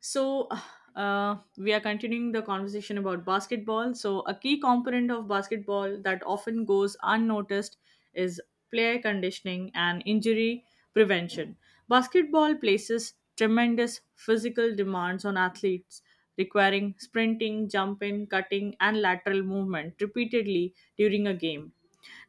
So, we are continuing the conversation about basketball. So, a key component of basketball that often goes unnoticed is player conditioning and injury prevention. Basketball places tremendous physical demands on athletes, requiring sprinting, jumping, cutting, and lateral movement repeatedly during a game.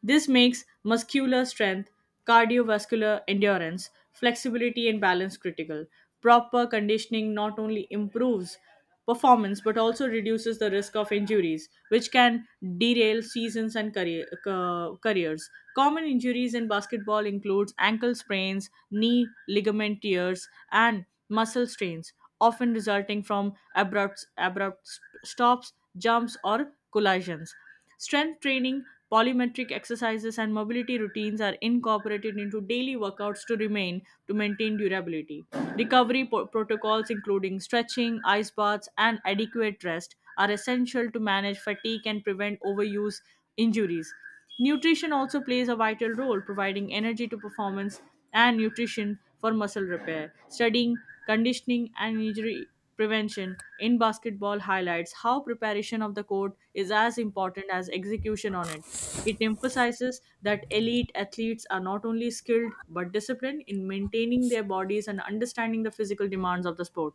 This makes muscular strength, cardiovascular endurance, flexibility, and balance critical. Proper conditioning not only improves performance but also reduces the risk of injuries, which can derail seasons and careers. Common injuries in basketball includes ankle sprains, knee ligament tears, and muscle strains, often resulting from abrupt stops, jumps, or collisions. Strength training, polymetric exercises, and mobility routines are incorporated into daily workouts to remain to maintain durability. Recovery protocols, including stretching, ice baths, and adequate rest, are essential to manage fatigue and prevent overuse injuries. Nutrition also plays a vital role, providing energy to performance and nutrition for muscle repair, studying conditioning and injury prevention in basketball highlights how preparation of the court is as important as execution on it. It emphasizes that elite athletes are not only skilled but disciplined in maintaining their bodies and understanding the physical demands of the sport.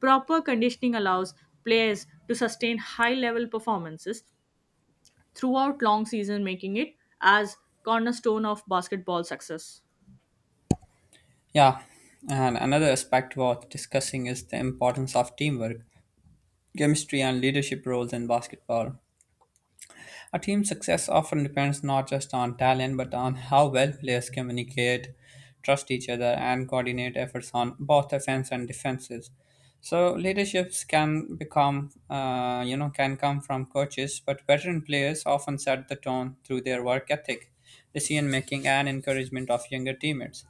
Proper conditioning allows players to sustain high level performances throughout long season making it as cornerstone of basketball success. Yeah, and another aspect worth discussing is the importance of teamwork, chemistry, and leadership roles in basketball. A team's success often depends not just on talent but on how well players communicate, trust each other, and coordinate efforts on both offense and defenses. So leaderships can become, can come from coaches, but veteran players often set the tone through their work ethic, decision making, and encouragement of younger teammates.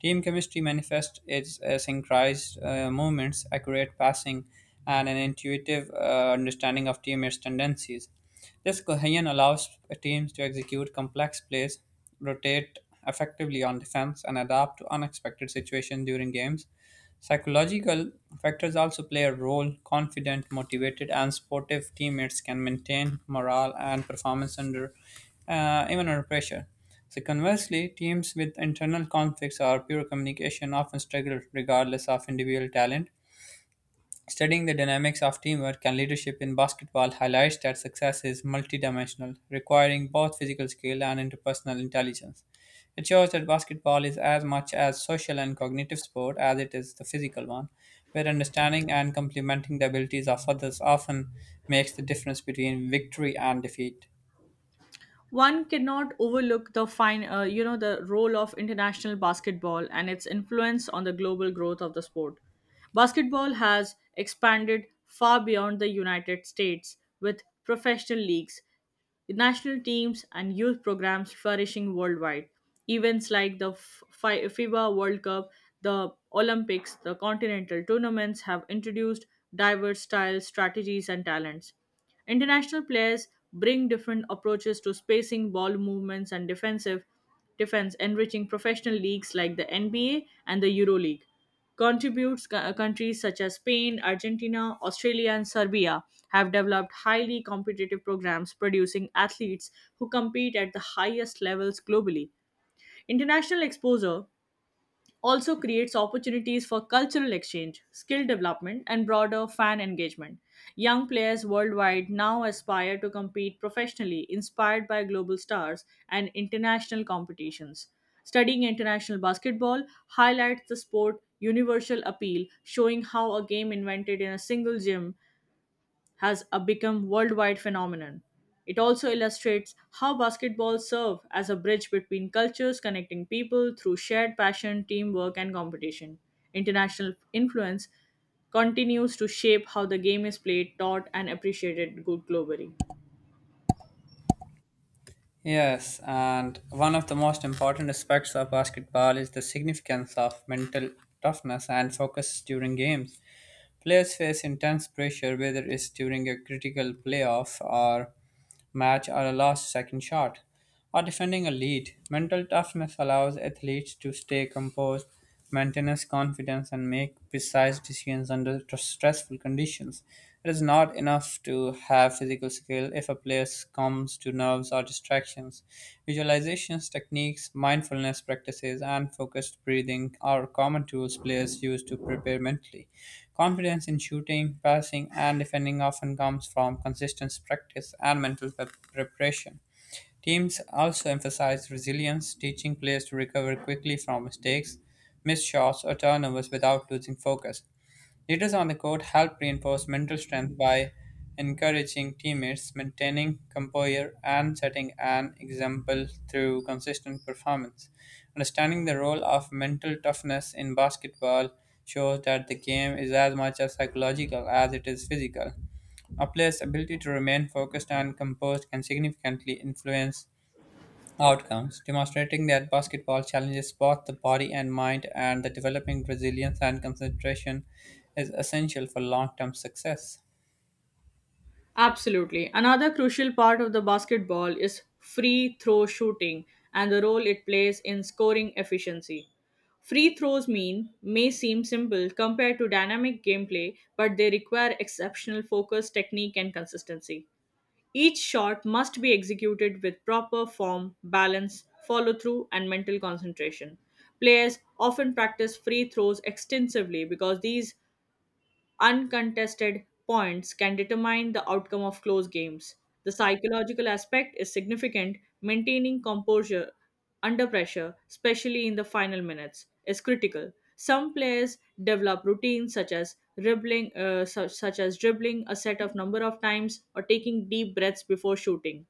Team chemistry manifests its synchronized movements, accurate passing, and an intuitive understanding of teammates' tendencies. This cohesion allows teams to execute complex plays, rotate effectively on defense, and adapt to unexpected situations during games. Psychological factors also play a role. Confident, motivated, and sportive teammates can maintain morale and performance under even under pressure. So conversely, teams with internal conflicts or poor communication often struggle regardless of individual talent. Studying the dynamics of teamwork and leadership in basketball highlights that success is multidimensional, requiring both physical skill and interpersonal intelligence. It shows that basketball is as much a social and cognitive sport as it is the physical one, where understanding and complementing the abilities of others often makes the difference between victory and defeat. One cannot overlook the fine the role of international basketball and its influence on the global growth of the sport. Basketball has expanded far beyond the United States, with professional leagues, national teams, and youth programs flourishing worldwide. Events like the FIBA World Cup, the Olympics, the continental tournaments have introduced diverse styles, strategies, and talents. International players bring different approaches to spacing, ball movements, and defensive defense, enriching professional leagues like the NBA and the EuroLeague. Countries such as Spain, Argentina, Australia, and Serbia have developed highly competitive programs producing athletes who compete at the highest levels globally. International exposure also creates opportunities for cultural exchange, skill development, and broader fan engagement. Young players worldwide now aspire to compete professionally, inspired by global stars and international competitions. Studying international basketball highlights the sport universal appeal, showing how a game invented in a single gym has become worldwide phenomenon. It also illustrates how basketball serve as a bridge between cultures, connecting people through shared passion, teamwork, and competition. International influence continues to shape how the game is played, taught, and appreciated good globally. Yes, and one of the most important aspects of basketball is the significance of mental toughness and focus during games. Players face intense pressure whether it's during a critical playoff or match or a last second shot or defending a lead. Mental toughness allows athletes to stay composed, maintain confidence, and make precise decisions under stressful conditions. It is not enough to have physical skill if a player succumbs to nerves or distractions. Visualizations, techniques, mindfulness practices, and focused breathing are common tools players use to prepare mentally. Confidence in shooting, passing, and defending often comes from consistent practice and mental preparation. Teams also emphasize resilience, teaching players to recover quickly from mistakes, missed shots, or turnovers without losing focus. Leaders on the court help reinforce mental strength by encouraging teammates, maintaining composure, and setting an example through consistent performance. Understanding the role of mental toughness in basketball shows that the game is as much a psychological as it is physical. A player's ability to remain focused and composed can significantly influence outcomes, demonstrating that basketball challenges both the body and mind and the developing resilience and concentration is essential for long term success. Absolutely. Another crucial part of the basketball is free throw shooting and the role it plays in scoring efficiency. Free throws mean may seem simple compared to dynamic gameplay, but they require exceptional focus, technique, and consistency. Each shot must be executed with proper form, balance, follow through, and mental concentration. Players often practice free throws extensively because these uncontested points can determine the outcome of close games. The psychological aspect is significant. Maintaining composure under pressure, especially in the final minutes, is critical. Some players develop routines such as dribbling a set of number of times or taking deep breaths before shooting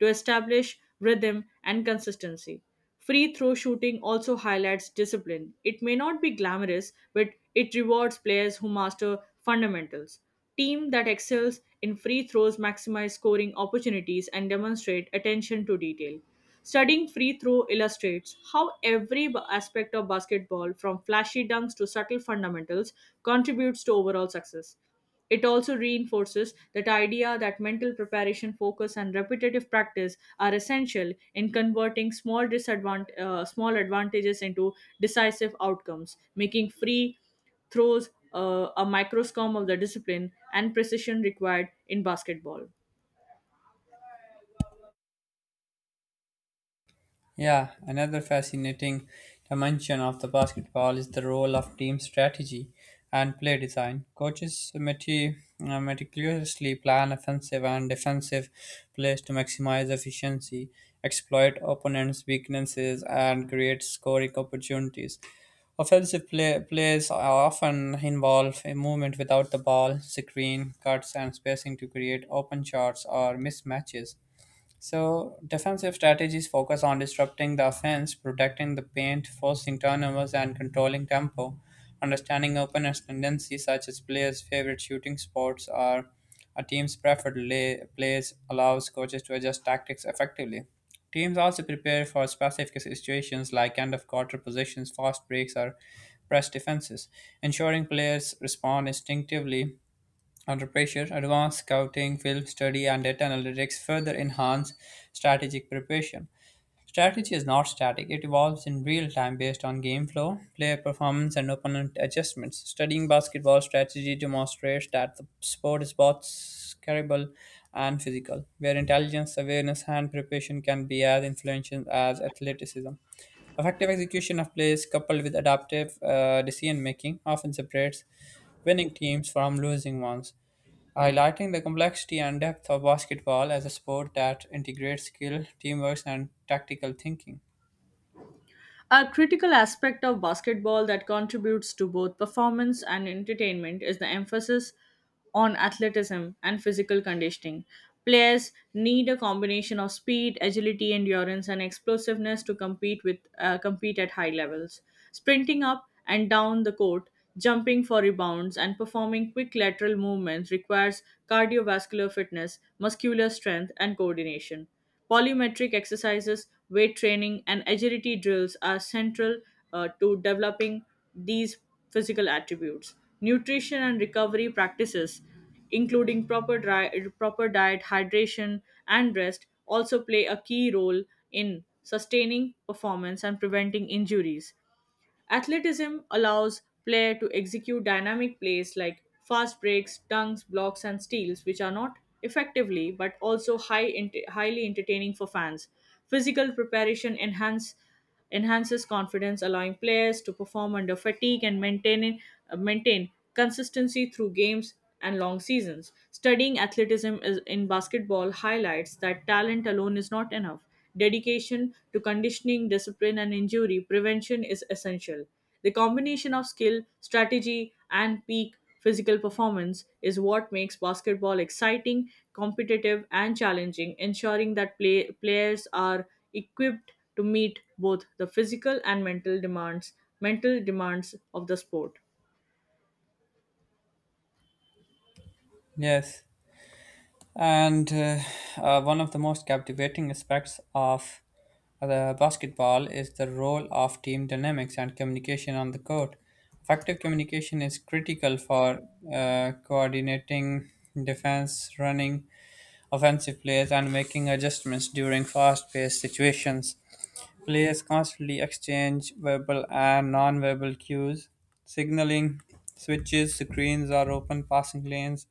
to establish rhythm and consistency. Free throw shooting also highlights discipline. It may not be glamorous, but it rewards players who master fundamentals. Team that excels in free throws maximize scoring opportunities and demonstrate attention to detail. Studying free throw illustrates how every aspect of basketball, from flashy dunks to subtle fundamentals, contributes to overall success. It also reinforces that idea that mental preparation, focus, and repetitive practice are essential in converting small advantages into decisive outcomes, making free throws a microscome of the discipline and precision required in basketball. Yeah, another fascinating dimension of the basketball is the role of team strategy and play design. Coaches meticulously plan offensive and defensive plays to maximize efficiency, exploit opponents' weaknesses, and create scoring opportunities. Offensive plays often involve a movement without the ball, screen, cuts, and spacing to create open shots or mismatches. So defensive strategies focus on disrupting the offense, protecting the paint, forcing turnovers, and controlling tempo. Understanding opponents' tendencies, such as players' favorite shooting spots or a team's preferred plays, allows coaches to adjust tactics effectively. Teams also prepare for specific situations like end of quarter positions, fast breaks, or press defenses, ensuring players respond instinctively under pressure, advanced scouting, film study, and data analytics further enhance strategic preparation. Strategy is not static, it evolves in real time based on game flow, player performance, and opponent adjustments. Studying basketball strategy demonstrates that the sport is both cerebral and physical, where intelligence, awareness, and preparation can be as influential as athleticism. Effective execution of plays coupled with adaptive decision making often separates winning teams from losing ones highlighting the complexity and depth of basketball as a sport that integrates skill, teamwork, and tactical thinking. A critical aspect of basketball that contributes to both performance and entertainment is the emphasis on athleticism and physical conditioning. Players need a combination of speed, agility, endurance, and explosiveness to compete at high levels. Sprinting up and down the court, jumping for rebounds, and performing quick lateral movements requires cardiovascular fitness, muscular strength, and coordination. Polymetric exercises, weight training, and agility drills are central to developing these physical attributes. Nutrition and recovery practices, including proper diet, hydration, and rest, also play a key role in sustaining performance and preventing injuries. Athleticism allows player to execute dynamic plays like fast breaks, dunks, blocks, and steals, which are not effectively but also highly entertaining for fans. Physical preparation enhances confidence, allowing players to perform under fatigue and maintain consistency through games and long seasons. Studying athleticism in basketball highlights that talent alone is not enough. Dedication to conditioning, discipline, and injury prevention is essential. The combination of skill, strategy, and peak physical performance is what makes basketball exciting, competitive, and challenging, ensuring that players are equipped to meet both the physical and mental demands of the sport. Yes, and one of the most captivating aspects of the basketball is the role of team dynamics and communication on the court. Effective communication is critical for coordinating defense, running, offensive plays and making adjustments during fast paced situations. Players constantly exchange verbal and non-verbal cues, signaling switches, screens, or open passing lanes.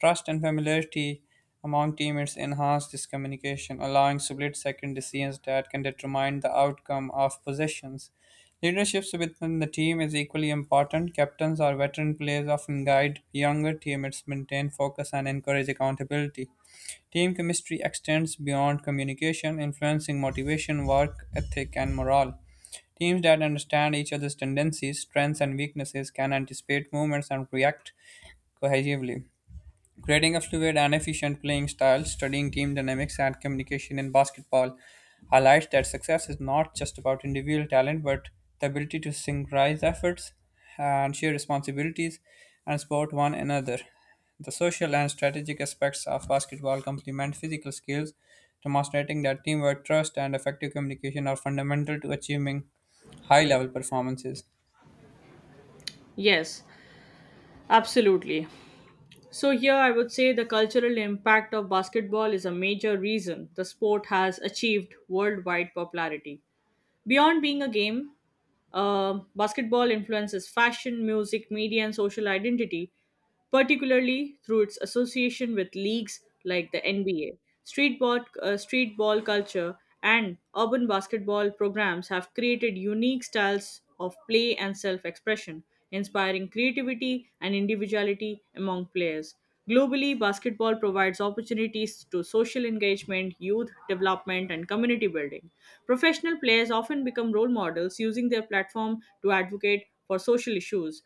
Trust and familiarity among teammates enhance this communication, allowing split-second decisions that can determine the outcome of possessions. Leadership within the team is equally important. Captains or veteran players often guide younger teammates maintain focus and encourage accountability. Team chemistry extends beyond communication, influencing motivation, work ethic, and morale. Teams that understand each other's tendencies, strengths, and weaknesses can anticipate movements and react cohesively. Creating a fluid and efficient playing style, studying team dynamics and communication in basketball highlights that success is not just about individual talent but the ability to synchronize efforts and share responsibilities and support one another. The social and strategic aspects of basketball complement physical skills, demonstrating that teamwork, trust, and effective communication are fundamental to achieving high level performances. Yes, absolutely. So, here I would say the cultural impact of basketball is a major reason the sport has achieved worldwide popularity. Beyond being a game, basketball influences fashion, music, media, and social identity, particularly through its association with leagues like the NBA. Street ball culture and urban basketball programs have created unique styles of play and self expression, inspiring creativity and individuality among players. Globally, basketball provides opportunities to social engagement, youth development, and community building. Professional players often become role models using their platform to advocate for social issues,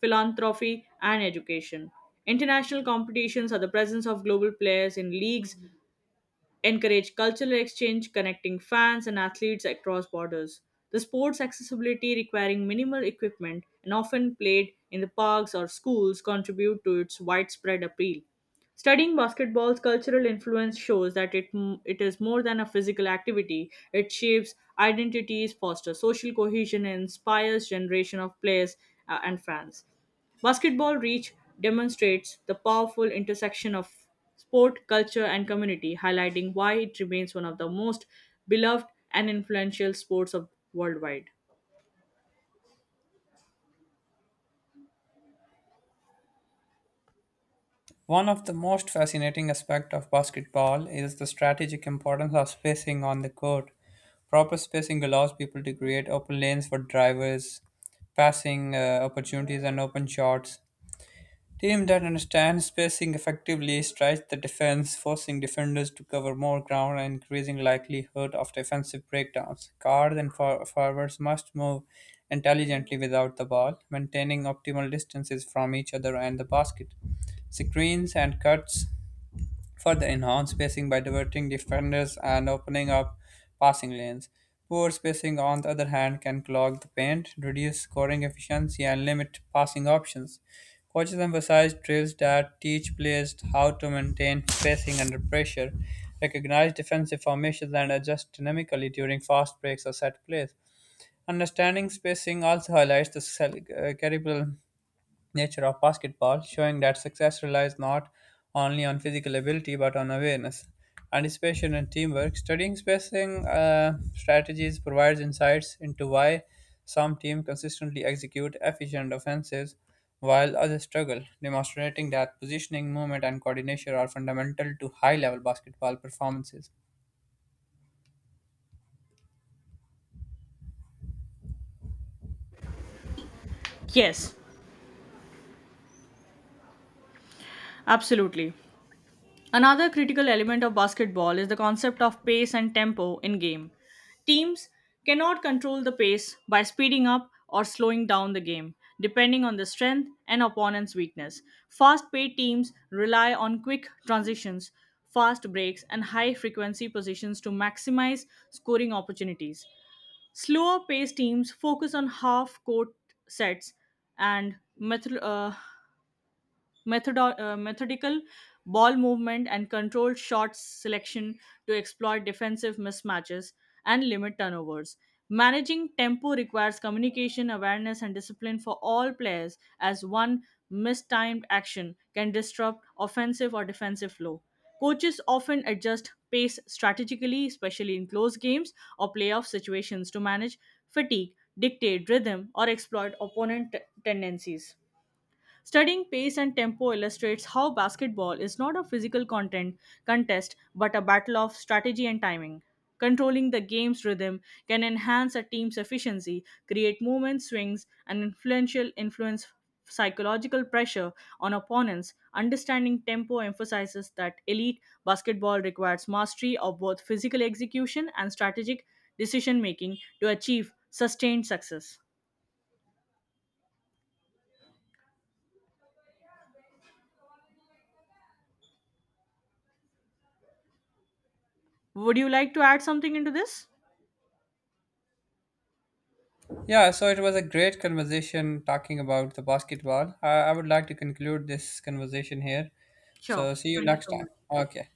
philanthropy, and education. International competitions are the presence of global players in leagues encourage cultural exchange, connecting fans and athletes across borders. The sport's accessibility, requiring minimal equipment and often played in the parks or schools, contribute to its widespread appeal. Studying basketball's cultural influence shows that it is more than a physical activity. It shapes identities, fosters social cohesion, and inspires generation of players and fans. Basketball Reach demonstrates the powerful intersection of sport, culture, and community, highlighting why it remains one of the most beloved and influential sports of worldwide. One of the most fascinating aspects of basketball is the strategic importance of spacing on the court. Proper spacing allows people to create open lanes for drivers, passing opportunities, and open shots. Teams that understand spacing effectively stretch the defense, forcing defenders to cover more ground and increasing likelihood of defensive breakdowns. Guards and forwards must move intelligently without the ball, maintaining optimal distances from each other and the basket. Screens and cuts further enhance spacing by diverting defenders and opening up passing lanes. Poor spacing, on the other hand, can clog the paint, reduce scoring efficiency, and limit passing options. Coaches emphasize drills that teach players how to maintain spacing under pressure, recognize defensive formations, and adjust dynamically during fast breaks or set plays. Understanding spacing also highlights the cerebral nature of basketball, showing that success relies not only on physical ability but on awareness, anticipation, and teamwork. Studying spacing strategies provides insights into why some teams consistently execute efficient offenses while others struggle, demonstrating that positioning, movement, and coordination are fundamental to high level basketball performances. Yes, absolutely. Another critical element of basketball is the concept of pace and tempo in game. Teams cannot control the pace by speeding up or slowing down the game, depending on the strength and opponent's weakness. Fast paced teams rely on quick transitions, fast breaks, and high frequency positions to maximize scoring opportunities. Slower paced teams focus on half court sets and methodical ball movement, and controlled shot selection to exploit defensive mismatches and limit turnovers. Managing tempo requires communication, awareness, and discipline for all players, as one mistimed action can disrupt offensive or defensive flow. Coaches often adjust pace strategically, especially in close games or playoff situations, to manage fatigue, dictate rhythm, or exploit tendencies. Studying pace and tempo illustrates how basketball is not a physical content contest but a battle of strategy and timing. Controlling the game's rhythm can enhance a team's efficiency, create movement swings, and influential influence psychological pressure on opponents. Understanding tempo emphasizes that elite basketball requires mastery of both physical execution and strategic decision making to achieve sustained success. Would you like to add something into this? Yeah, so it was a great conversation talking about the basketball. I would like to conclude this conversation here. Sure. So see you Thank you next so time. much. Okay.